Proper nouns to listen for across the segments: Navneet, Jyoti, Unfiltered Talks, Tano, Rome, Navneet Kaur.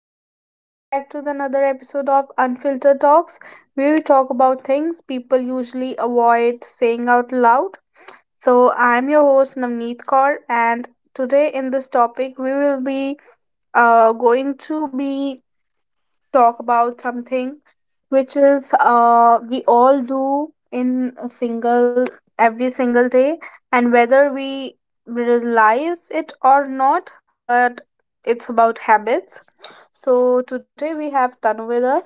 everyone. Welcome back to the another episode of Unfiltered Talks, where we talk about things people usually avoid saying out loud. So, I'm your host Navneet Kaur, and today in this topic, we will be going to be talk about something which is we all do in a single every single day and whether we realize it or not but it's about habits. So today we have Tanu with us.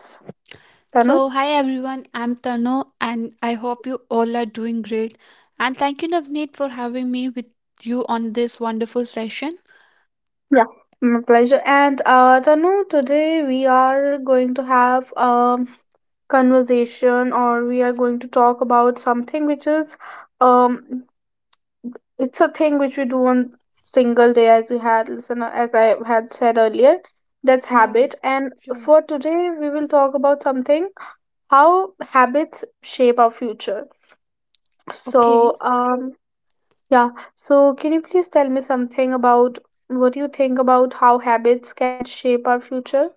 Tanu, So, hi everyone, I'm Tano and I hope you all are doing great. And thank you, Navneet, for having me with you on this wonderful session. yeah, my pleasure. And Tanu, today we are going to have conversation, or we are going to talk about something which is, um it's a thing which we do on single day, as we had listen, as I had said earlier, that's Yeah, habit. And sure. for today we will talk about something: how habits shape our future. So Okay. Yeah, so can you please tell me something about what you think about how habits can shape our future?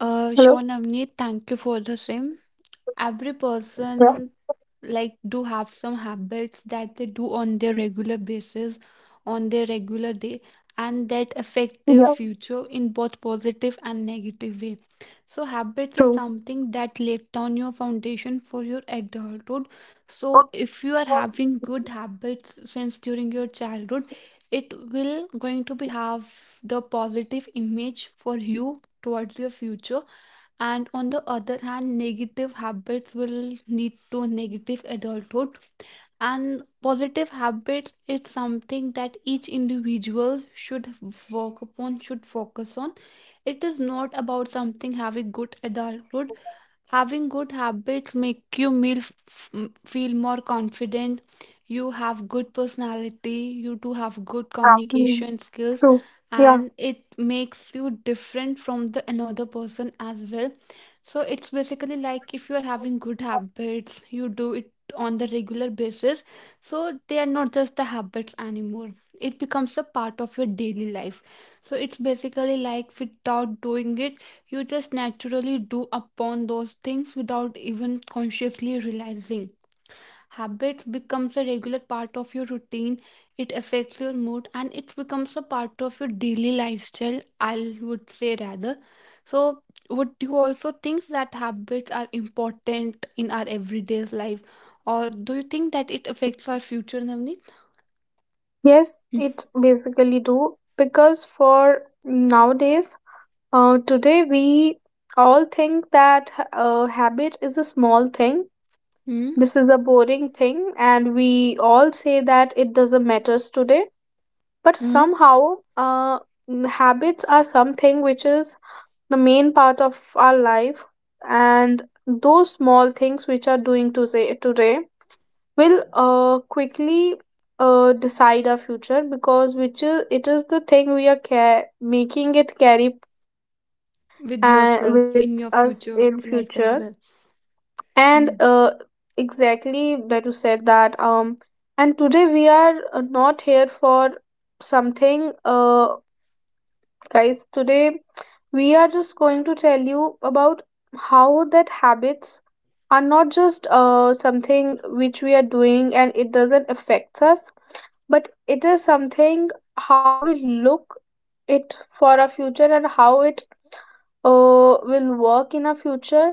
Uh, Hello. sure, Navneet, thank you for the same. Every Yeah, person like do have some habits that they do on their regular basis, on their regular day, and that affect yeah, their future in both positive and negative way. So habits is true. something that laid down your foundation for your adulthood. So if you are having good habits since during your childhood, it will going to be have the positive image for you towards your future. And on the other hand, negative habits will lead to negative adulthood, and positive habits is something that each individual should work upon, should focus on. It is not about something having good adulthood. Having good habits make you feel more confident. You have good personality. You do have good Mm. communication skills, True. Yeah. and it makes you different from the another person as well. So it's basically like if you are having good habits, you do it on the regular basis. So they are not just the habits anymore. It becomes a part of your daily life. So it's basically like without doing it you just naturally do upon those things without even consciously realizing. Habits becomes a regular part of your routine. It affects your mood and it becomes a part of your daily lifestyle, I would say rather. So would you also think that habits are important in our everyday life? Or do you think that it affects our future, Navneet? Yes, it basically do, because for nowadays, today, we all think that a habit is a small thing. Hmm. This is a boring thing, and we all say that it doesn't matters today. But somehow, uh, habits are something which is the main part of our life, and those small things which are doing today will quickly decide our future, because which is it is the thing we are making it carry forward With with yourself in your us future in life future. as well. And Hmm. Exactly that you said that, and today we are not here for something. Guys, today we are just going to tell you about how that habits are not just something which we are doing and it doesn't affect us, but it is something how we look it for our future, and how it uh, will work in our future,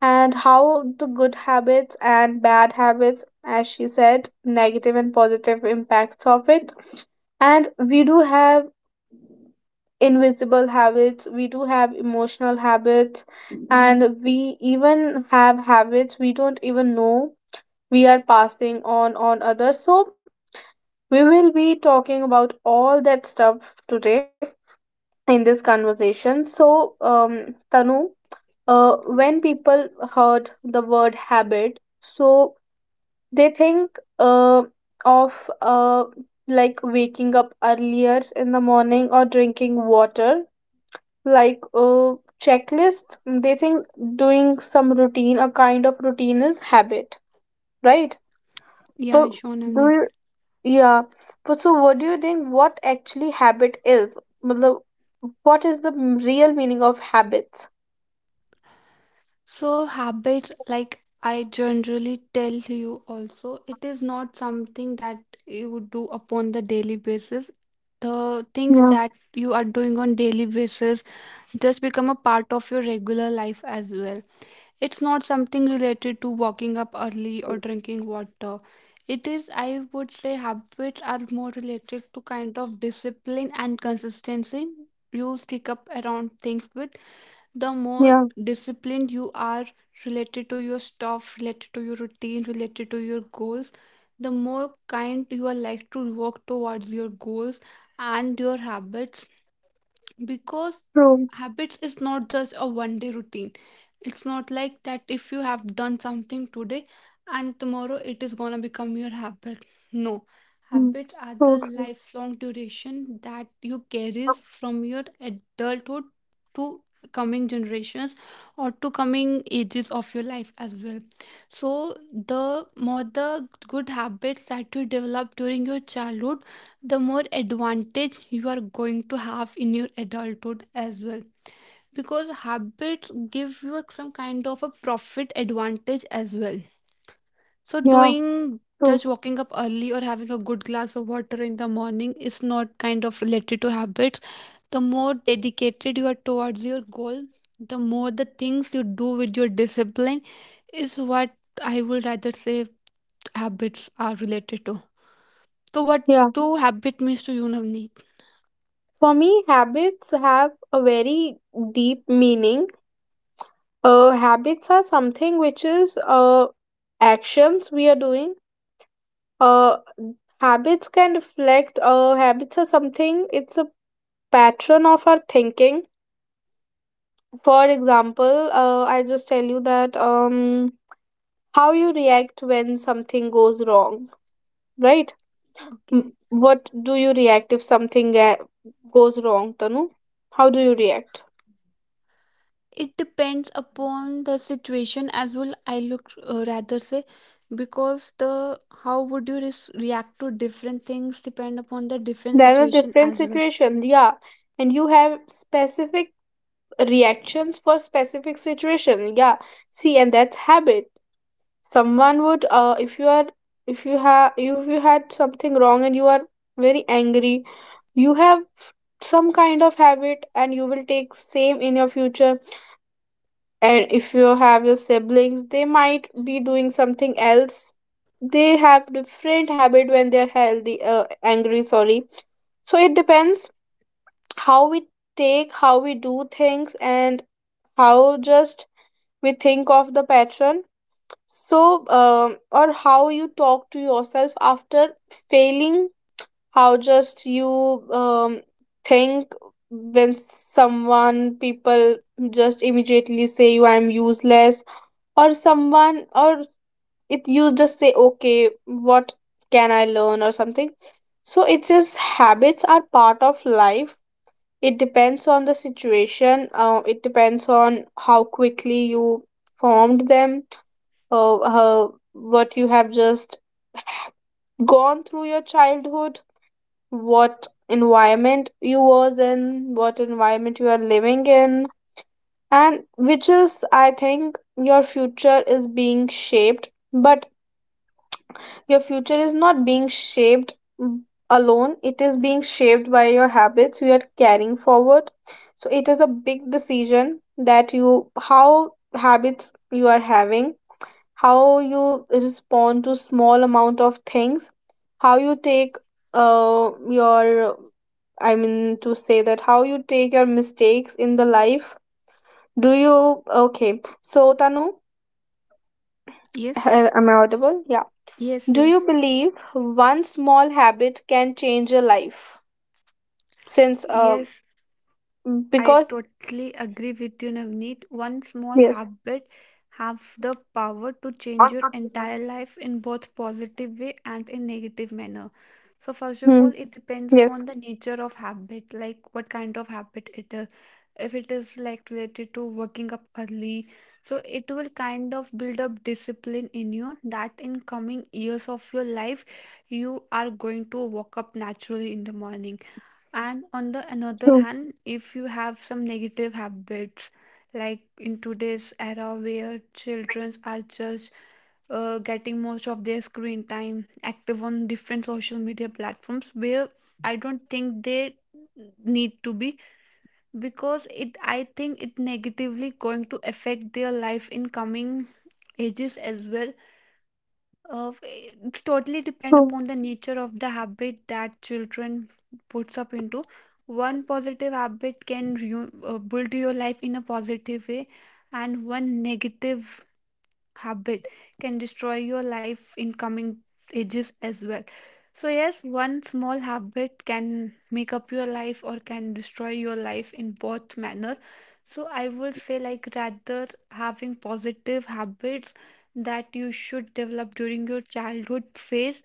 and how the good habits and bad habits, as she said, negative and positive impacts of it. And we do have invisible habits, we do have emotional habits, and we even have habits we don't even know we are passing on others. So we will be talking about all that stuff today in this conversation. So Tanu, when people heard the word habit, so they think of like waking up earlier in the morning or drinking water, like checklists. They think doing some routine, a kind of routine, is habit, right? Yeah, But sure, do Navneet. you, yeah. But so, what do you think? What actually habit is? मतलब, What is the real meaning of habits? So, habit, like I generally tell you also, it is not something that you would do upon the daily basis. The things Yeah, that you are doing on daily basis just become a part of your regular life as well. It's not something related to waking up early or drinking water. It is, I would say, habits are more related to kind of discipline and consistency. You stick up around things with the more yeah, disciplined you are related to your stuff, related to your routine, related to your goals, the more kind you are like to work towards your goals and your habits, because true. habits is not just a one day routine. It's not like that if you have done something today and tomorrow it is gonna become your habit. No, Mm, habits are the true. lifelong duration that you carries from your adulthood to coming generations or to coming ages of your life as well. So the more the good habits that you develop during your childhood, the more advantage you are going to have in your adulthood as well, because habits give you some kind of a profit advantage as well. So Yeah, doing just true. waking up early or having a good glass of water in the morning is not kind of related to habits. The more dedicated you are towards your goal, the more the things you do with your discipline is what I would rather say habits are related to. So what Yeah. do habit means to you, Navneet? For me, habits have a very deep meaning. Habits are something which is actions we are doing. Uh, Habits can habits are something, it's a pattern of our thinking. For example, I just tell you that, how you react when something goes wrong, right? What do you react if something goes wrong, Tanu? How do you react? It depends upon the situation as well, I look rather say, because the how would you react to different things depend upon the different There are situation different as well. situations, yeah. And you have specific reactions for specific situation, yeah. See, and that's habit. Someone would, if you had something wrong and you are very angry, you have some kind of habit, and you will take same in your future. And if you have your siblings, they might be doing something else. They have different habit when they are angry. Sorry. So it depends how we take, how we do things, and how just we think of the pattern. So or how you talk to yourself after failing, how just you think when someone people just immediately say you I'm useless, or someone, or it you just say okay what can I learn or something. So it's just habits are part of life. It depends on the situation. It depends on how quickly you formed them, uh, uh, what you have just gone through your childhood, what environment you was in, what environment you are living in, and which is, I think, your future is being shaped. But your future is not being shaped, mm, alone, it is being shaped by your habits you are carrying forward. So it is a big decision that you how habits you are having, how you respond to small amount of things, how you take your I mean to say that how you take your mistakes in the life. Do you okay? So Tanu, Yes. h- am I audible? Yeah. Yes. Do you Yes. believe one small habit can change a life? Since, Yes, I because, totally agree with you, Navneet. One small yes. habit have the power to change your entire life in both positive way and in negative manner. So first of all, Hmm. it depends Yes. upon the nature of habit, like what kind of habit it is. If it is like related to waking up early, so it will kind of build up discipline in you that in coming years of your life, you are going to wake up naturally in the morning, and on the True. another hand, if you have some negative habits, like in today's era where children are just getting most of their screen time active on different social media platforms, where I don't think they need to be because it I think it negatively going to affect their life in coming ages as well. Uh, True. it's totally depend upon the nature of the habit that children puts up into. One positive habit can build your life in a positive way, and one negative habit can destroy your life in coming ages as well. So, yes, one small habit can make up your life or can destroy your life in both manner. So, I would say, like, rather having positive habits that you should develop during your childhood phase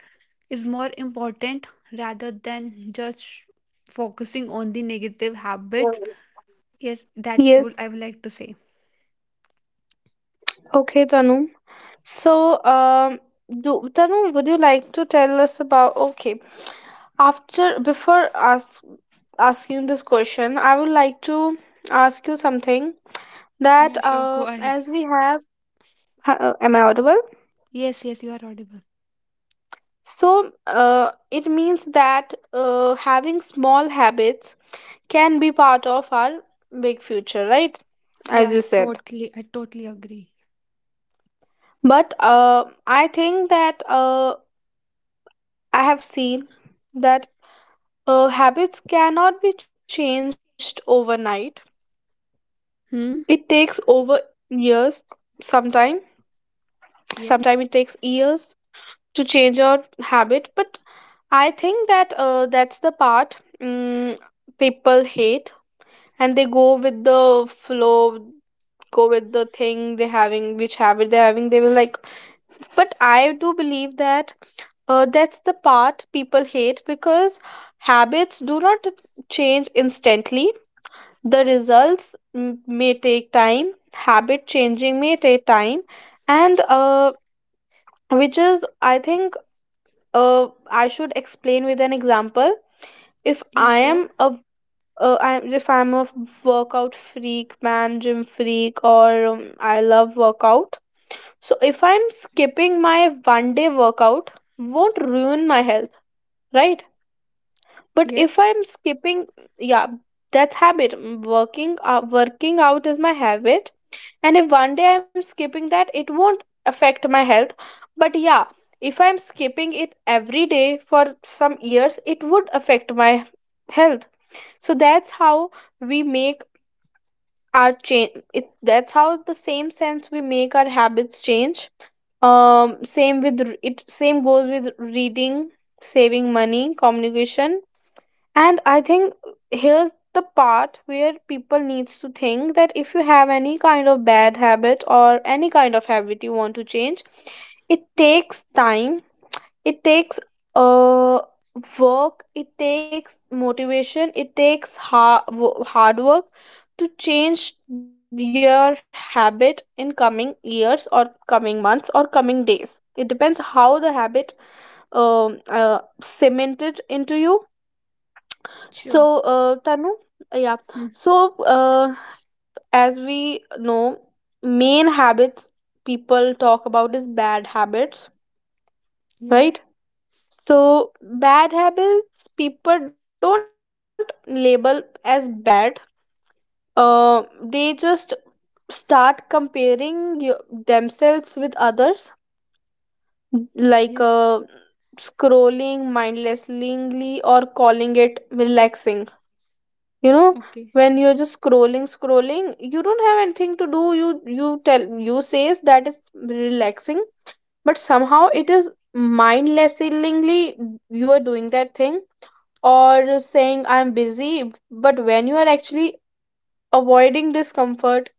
is more important rather than just focusing on the negative habits. Yes, that would Yes. I would like to say. Okay, Tanu. So, do Tanu, would you like to tell us about? Okay, after before ask asking this question, I would like to ask you something that Yeah, sure. Go ahead. Am I audible? Yes, yes, you are audible. So it means that having small habits can be part of our big future, right? As Yeah, you said. totally. I totally agree. But I think that I have seen that habits cannot be changed overnight. Hmm? It takes over years, sometime. Yes. Sometime it takes years to change your habit. But I think that that's the part, mm, people hate, and they go with the flow, go with the thing they having, which habit they're having they will like. But I do believe that that's the part people hate, because habits do not change instantly. The results may take time. Habit changing may take time. And which is, I think, uh, I should explain with an example. If Yeah, I am sure. a I'm if I'm a workout freak, man, gym freak, or I love workout. So if I'm skipping my one day workout, won't ruin my health, right? But if Yes. I'm skipping, yeah, that's habit. Mm, working out is my habit, and if one day I'm skipping that, it won't affect my health. But yeah, if I'm skipping it every day for some years, it would affect my health. So that's how we make our change it that's how the same sense we make our habits change. Same goes with reading, saving money, communication. And I think here's the part where people needs to think that if you have any kind of bad habit or any kind of habit you want to change, it takes time, it takes uh work, it takes motivation, it takes hard, hard work to change your habit in coming years or coming months or coming days. It depends how the habit cemented into you. So Sure. Tanu, yeah, Hmm. so as we know, main habits people talk about is bad habits, Yeah. right? So bad habits people don't label as bad. They just start comparing themselves with others, like Yes. Scrolling mindlessly or calling it relaxing. You know, Okay. when you're just scrolling, you don't have anything to do. You tell you says that is relaxing, but somehow it is mindlessly you are doing that thing, or saying I'm busy. But when you are actually avoiding discomfort,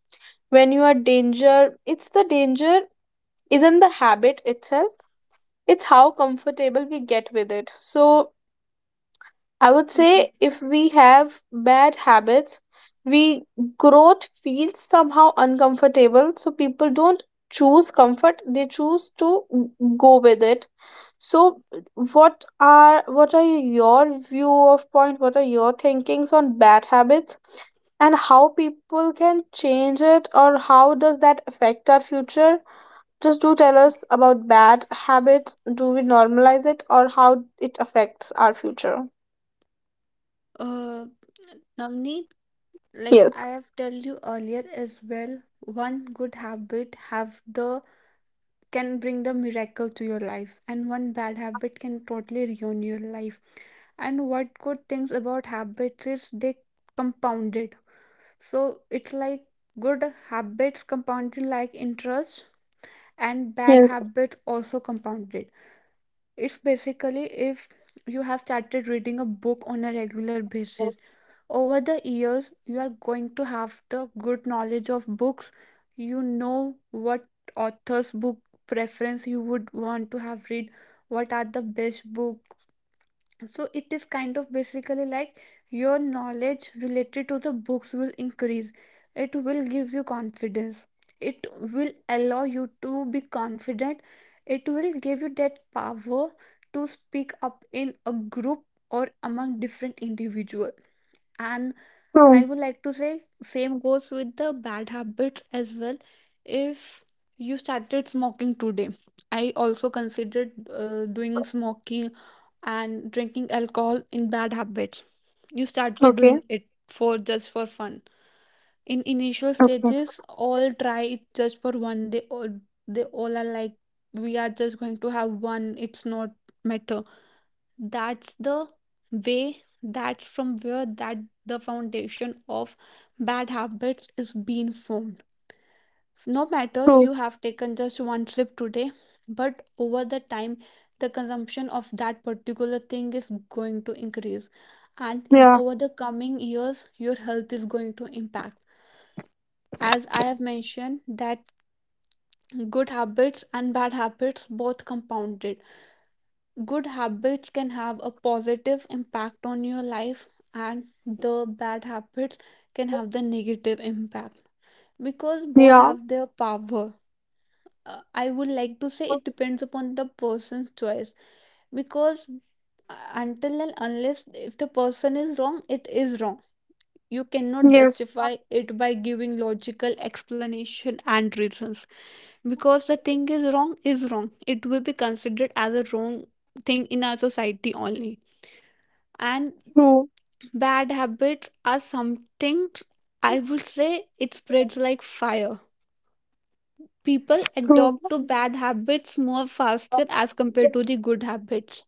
when it's the danger isn't the habit itself, it's how comfortable we get with it. So I would Okay. say if we have bad habits, we growth feels somehow uncomfortable. So people don't choose comfort, they choose to go with it. So, what are your view of point? What are your thinkings on bad habits and how people can change it, or how does that affect our future? Just do tell us about bad habits. Do we normalize it, or how it affects our future? Uh, Navneet, like Yes. I have tell you earlier as well, one good habit have the can bring the miracle to your life, and one bad habit can totally ruin your life. And what good things about habits is they compounded. So it's like good habits compounded like interest and bad Yes, habit also compounded if basically if you have started reading a book on a regular basis, over the years you are going to have the good knowledge of books. You know what author's book preference you would want to have read, what are the best book. So it is kind of basically like your knowledge related to the books will increase. It will give you confidence. It will allow you to be confident. It will give you that power to speak up in a group or among different individuals. And I true. would like to say same goes with the bad habits as well. If you started smoking today, I also considered doing smoking and drinking alcohol in bad habits. You started Okay, doing it for just for fun. In initial okay, stages, all try it just for one. They all, are like, we are just going to have one. It's not matter. That's the way, that's from where that the foundation of bad habits is being formed. No matter true. you have taken just one sip today, but over the time the consumption of that particular thing is going to increase, and Yeah, over the coming years your health is going to impact. As I have mentioned that good habits and bad habits both compounded, good habits can have a positive impact on your life, and the bad habits can have the negative impact because both yeah. have their power. I would like to say it depends upon the person's choice, because until and unless if the person is wrong, it is wrong. You cannot Yes, justify it by giving logical explanation and reasons, because the thing is wrong is wrong, it will be considered as a wrong thing in our society only. And true, bad habits are something I would say it spreads like fire. People true. adopt to bad habits more faster as compared to the good habits.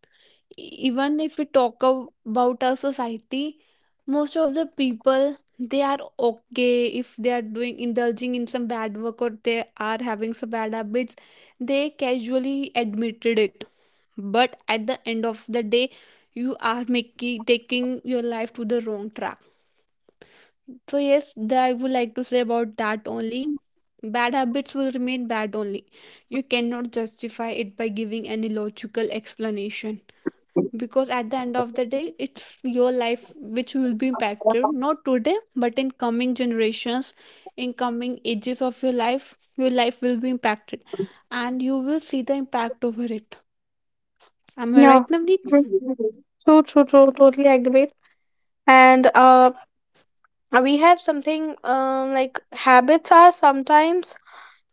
Even if we talk about our society, most of the people they are okay if they are doing indulging in some bad work or they are having some bad habits. They casually admitted it, but at the end of the day, you are making taking your life to the wrong track. So yes, that I would like to say about that only. Bad habits will remain bad only. You cannot justify it by giving any logical explanation, because at the end of the day, it's your life which will be impacted not today but in coming generations, in coming ages of your life will be impacted and you will see the impact over it. Am I Yeah, right, Navneet? true, true, true. True. Totally agree. And we have something, like habits are sometimes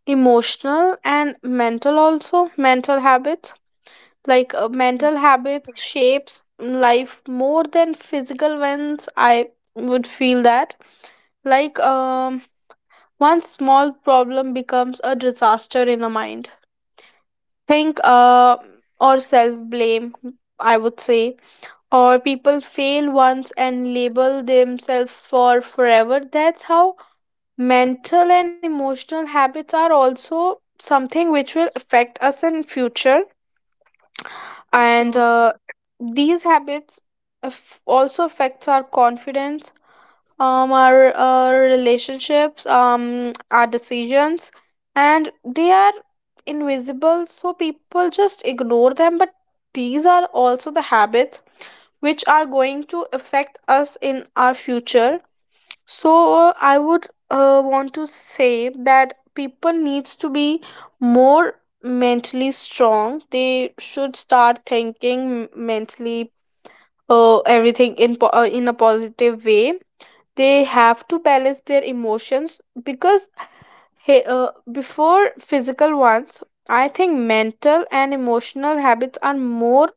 emotional and mental also, mental habits, like mental Yes. habits shapes life more than physical ones, I would feel that. Like, one small problem becomes a disaster in a mind, think, or self blame, I would say, or people fail once and label themselves for forever. That's how mental and emotional habits are also something which will affect us in future. And Sure. These habits also affects our confidence, our relationships, our decisions, and they are invisible so people just ignore them, but these are also the habits which are going to affect us in our future. So I would want to say that people needs to be more mentally strong. They should start thinking mentally in a positive way. They have to balance their emotions because before physical ones, I think mental and emotional habits are more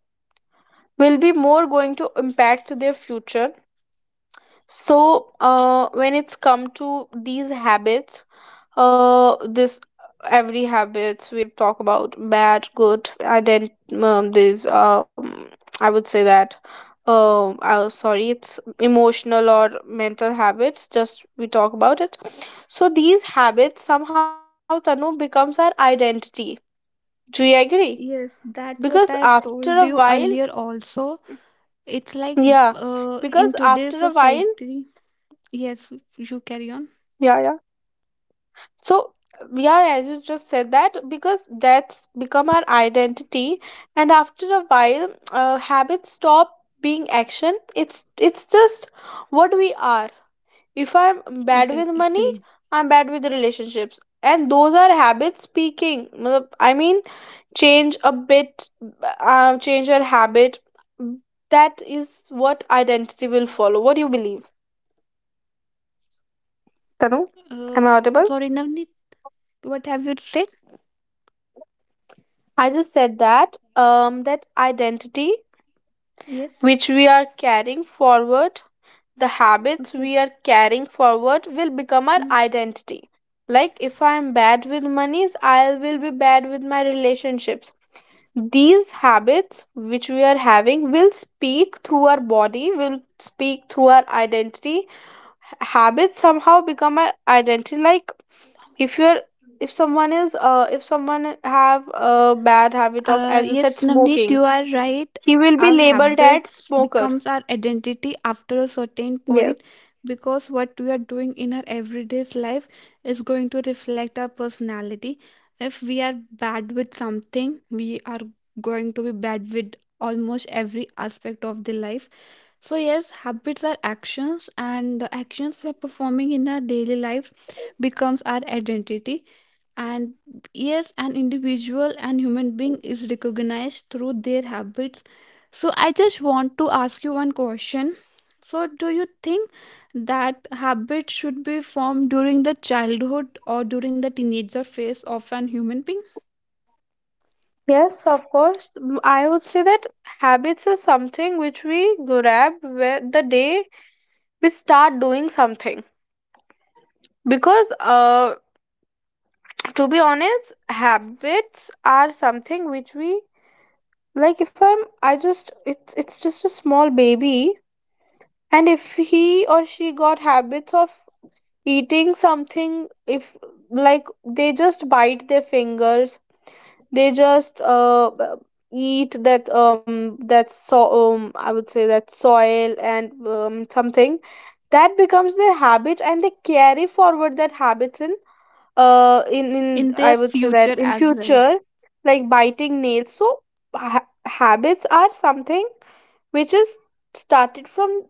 will be more going to impact their future. So when it's come to these habits this every habits we've talked about bad good ident these I would say that sorry it's emotional or mental habits just we talk about it. So these habits somehow Tanu becomes our identity. Do you agree? Yes, that's what Because I've after told a you while, earlier also. It's like yeah, in because today's after a while, society, yes, you carry on. yeah, yeah. So, yeah, as you just said that, because that's become our identity, and after a while, habits stop being action. It's just what we are. If I'm bad with money, Exactly. I'm bad with relationships, and those are habits speaking. मतलब, I mean, change a bit, change your habit. That is what identity will follow. What do you believe, Tanu? Uh, Am I Sorry, audible? Navneet, what have you said? I just said that that identity Yes. which we are carrying forward, the habits Okay. we are carrying forward will become our Mm. identity. Like if I am bad with monies, I will be bad with my relationships. These habits which we are having will speak through our body, will speak through our identity. Habits somehow become our identity. Like if Dominant. you're if someone is if someone have a bad habit of, as you said, Yes, Navneet, smoking, you are right. he will be Our labeled as habits smoker. becomes our identity after a certain Yes, point because what we are doing in our everyday's life is going to reflect our personality. If we are bad with something, we are going to be bad with almost every aspect of the life. So yes, habits are actions, and the actions we are performing in our daily life becomes our identity, and yes, an individual and human being is recognized through their habits. So I just want to ask you one question. So do you think that habits should be formed during the childhood or during the teenager phase of an human being, yes, of course. Mm, I would say that habits is something which we grab where the day we start doing something because to be honest habits are something which we, like if I'm I just it's just a small baby, and if he or she got habits of eating something, if like they just bite their fingers, they just eat that that. So I would say that soil and something, that becomes their habit and they carry forward that habits in in their I would say future that in as well? future, like biting nails. So habits are something which is started from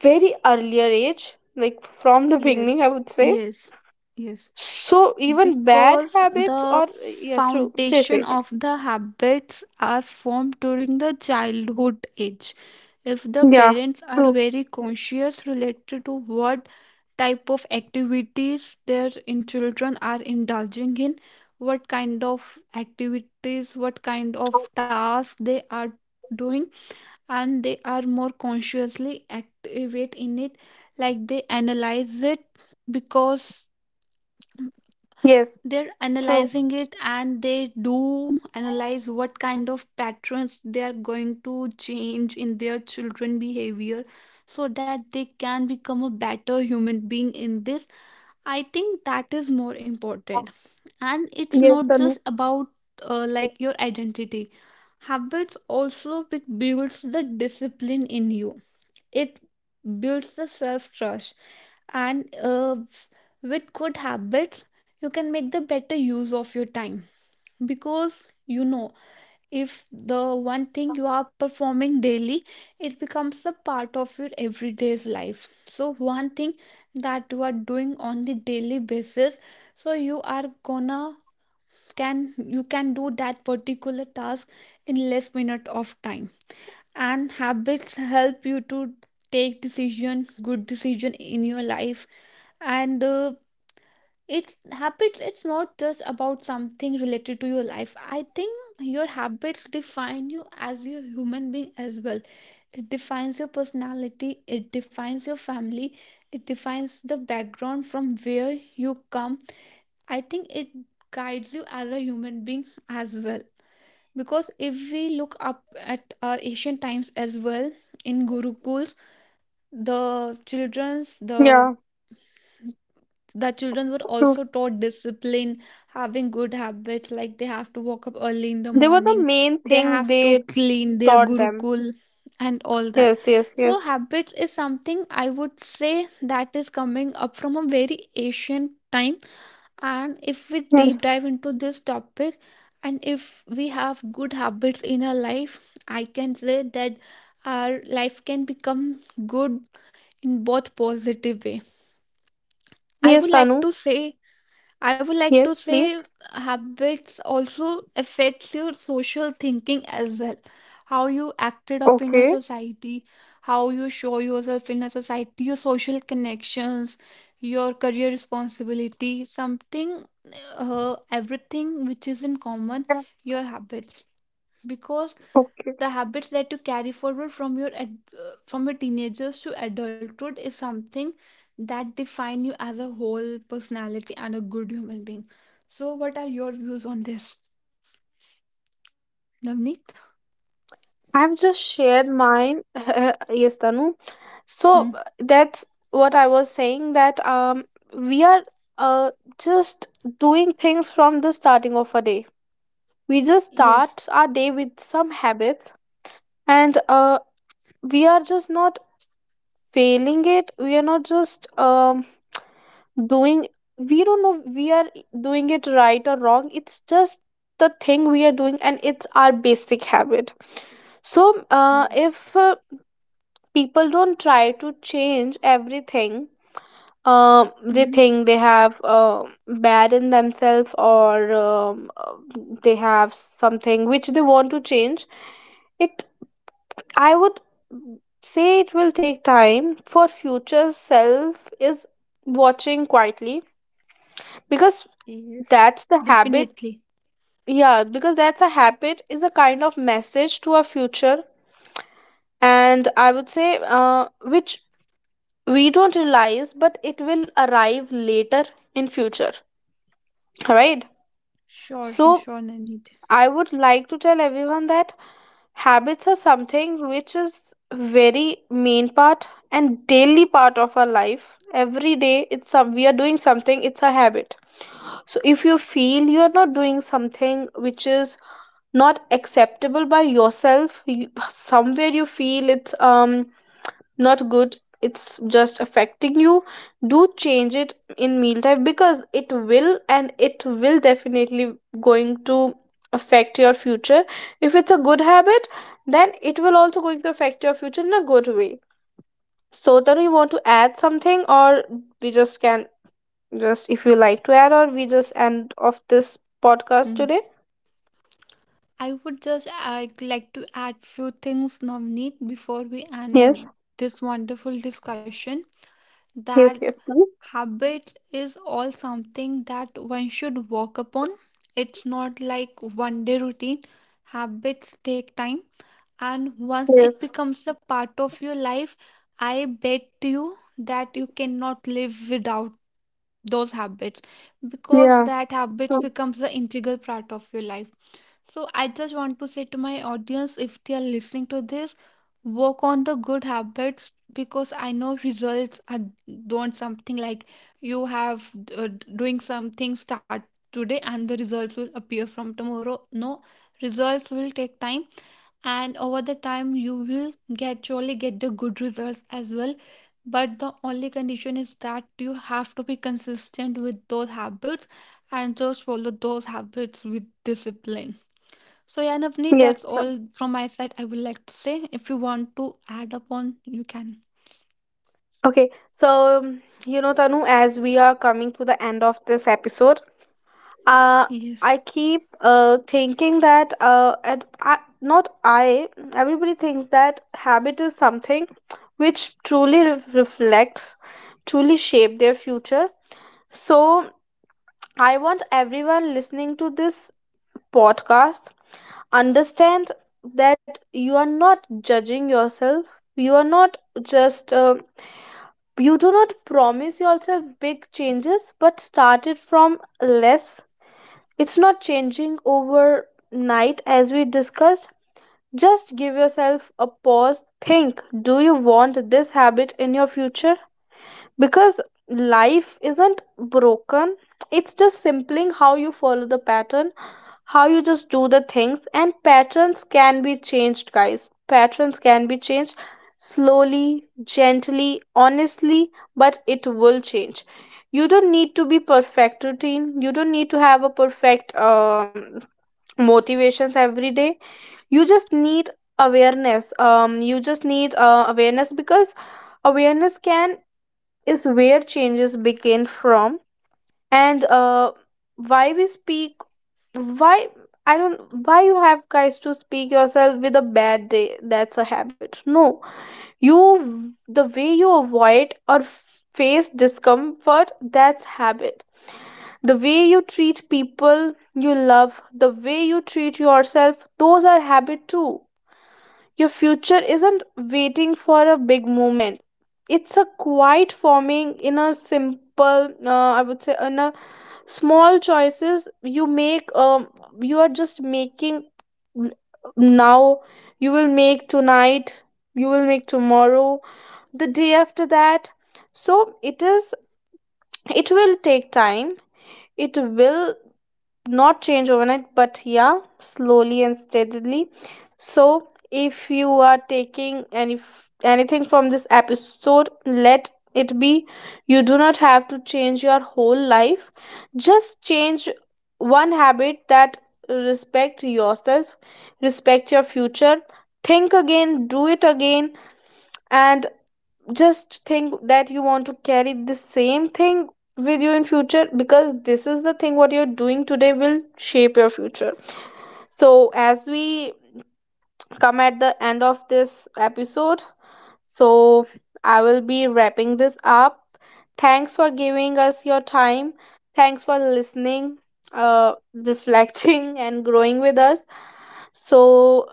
very earlier age, like from the beginning I Yes, would say. yes, yes. So even bad Because habits the or yeah, true. Say, say, foundation say. of the habits are formed during the childhood age. If the Yeah, parents are true. very conscious related to what type of activities their in children are indulging in, what kind of activities, what kind of tasks they are doing, and they are more consciously activate in it, like they analyze it, because Yes, they're true. analyzing it, and they do analyze what kind of patterns they are going to change in their children behavior so that they can become a better human being in this. I think that is more important, and it's Yes, not just Tanu. about like your identity. Habits also builds the discipline in you. It builds the self trust, and with good habits you can make the better use of your time, because you know, if the one thing you are performing daily, it becomes a part of your everyday's life. So one thing that you are doing on the daily basis, so you are gonna, can, you can do that particular task in less minute of time. And habits help you to take decision, good decision in your life. And it's habits, it's not just about something related to your life, I think. Your habits define you as a human being as well. It defines your personality, it defines your family, it defines the background from where you come. I think it guides you as a human being as well, because if we look up at our ancient times as well, in gurukuls, the Yeah, the children were true. also taught discipline, having good habits, like they have to wake up early in the They were the morning, main they have thing to they clean their taught them. gurukul and all that. Yes, yes, So yes, habits is something, I would say, that is coming up from a very ancient time. And if we deep yes, dive into this topic, and if we have good habits in our life, I can say that our life can become good in both positive way. I yes, would like Tanu. to say, I would like to Yes, say, please. habits also affects your social thinking as well. How you acted up in a Okay. society, how you show yourself in a society, your social connections, your career responsibility, something, everything which is in common, your habits. Because Okay. the habits that you carry forward from your from your teenagers to adulthood is something that define you as a whole personality and a good human being. So what are your views on this, I've just navneet? shared mine. Yes, Tanu. So that's what I was Hmm. saying that we are uh just doing things from the starting of a day. We just start our day with Yes, some habits, and we are just not failing it, we are not just doing, we don't know we are doing it right or wrong, it's just the thing we are doing and it's our basic habit. So yes. if people don't try to change everything, they Hmm. think they have bad in themselves, or they have something which they want to change it, I would say it will take time for future self is watching quietly, because Yes. that's the habit. Definitely. Yeah, because that's a habit is a kind of message to our future, and I would say which we don't realize but it will arrive later in future, right? Sure, So sure, navneet. I would like to tell everyone that habits are something which is very main part and daily part of our life. Every day it's some we are doing something, it's a habit. So if you feel you are not doing something which is not acceptable by yourself, you, somewhere you feel it's not good, it's just affecting you, do change it in mealtime because it will and it will definitely going to affect your future. If it's a good habit then it will also going to affect your future in a good way. So then you want to add something or we just can just if you like to add or we just end of this podcast Hmm. today. I would just, I like to add few things, navneet, before we end Yes, this wonderful discussion, yes, that yes, please. habit is all something that one should work upon. It's not like one day routine. Habits take time, and once it Yes, becomes a part of your life, I bet you that you cannot live without those habits, because yeah. that habits Mm. becomes the integral part of your life. So I just want to say to my audience, if they are listening to this, work on the good habits, because I know results are don't something like you have, uh, doing something, start today and the results will appear from tomorrow. No, results will take time, and over the time you will get, surely get the good results as well. But the only condition is that you have to be consistent with those habits and just follow those habits with discipline. So yeah, Navneet, Yes. that's all from my side. I would like to say if you want to add upon, you can. Okay, so you know, Tanu, as we are coming to the end of this episode, uh, Yes. I keep thinking that and I, not I, everybody thinks that habit is something which truly reflects, truly shape their future. So I want everyone listening to this podcast understand that you are not judging yourself. You are not just you do not promise yourself big changes, but start it from less. It's not changing overnight, as we discussed. Just give yourself a pause. Think, do you want this habit in your future? Because life isn't broken, it's just simply how you follow the pattern, how you just do the things, and patterns can be changed guys, patterns can be changed slowly, gently, honestly, but it will change. You don't need to be perfect routine, you don't need to have a perfect motivations every day. You just need awareness, you just need awareness, because awareness can is where changes begin from. And why we speak, why I don't, why you have guys to speak yourself with a bad day, that's a habit. No, you, the way you avoid or face discomfort, that's habit. The way you treat people you love, the way you treat yourself, those are habit too. Your future isn't waiting for a big moment. It's a quiet forming in a simple, I would say, in a small choices you make. You are just making now. You will make tonight. You will make tomorrow. The day after that. So it is. It will take time. It will not change overnight, but yeah, slowly and steadily. So if you are taking any anything from this episode, let it be you do not have to change your whole life. Just change one habit that respect yourself, respect your future, think again, do it again, and just think that you want to carry the same thing with you in future because this is the thing what you're doing today will shape your future. So as we come at the end of this episode, so I will be wrapping this up. Thanks for giving us your time, thanks for listening, reflecting and growing with us. So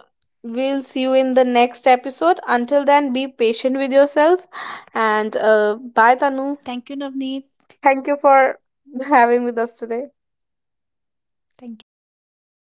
we'll see you in the next episode. Until then, be patient with yourself. And bye, Tanu. Thank you, Navneet. Thank you for having with us today. Thank you.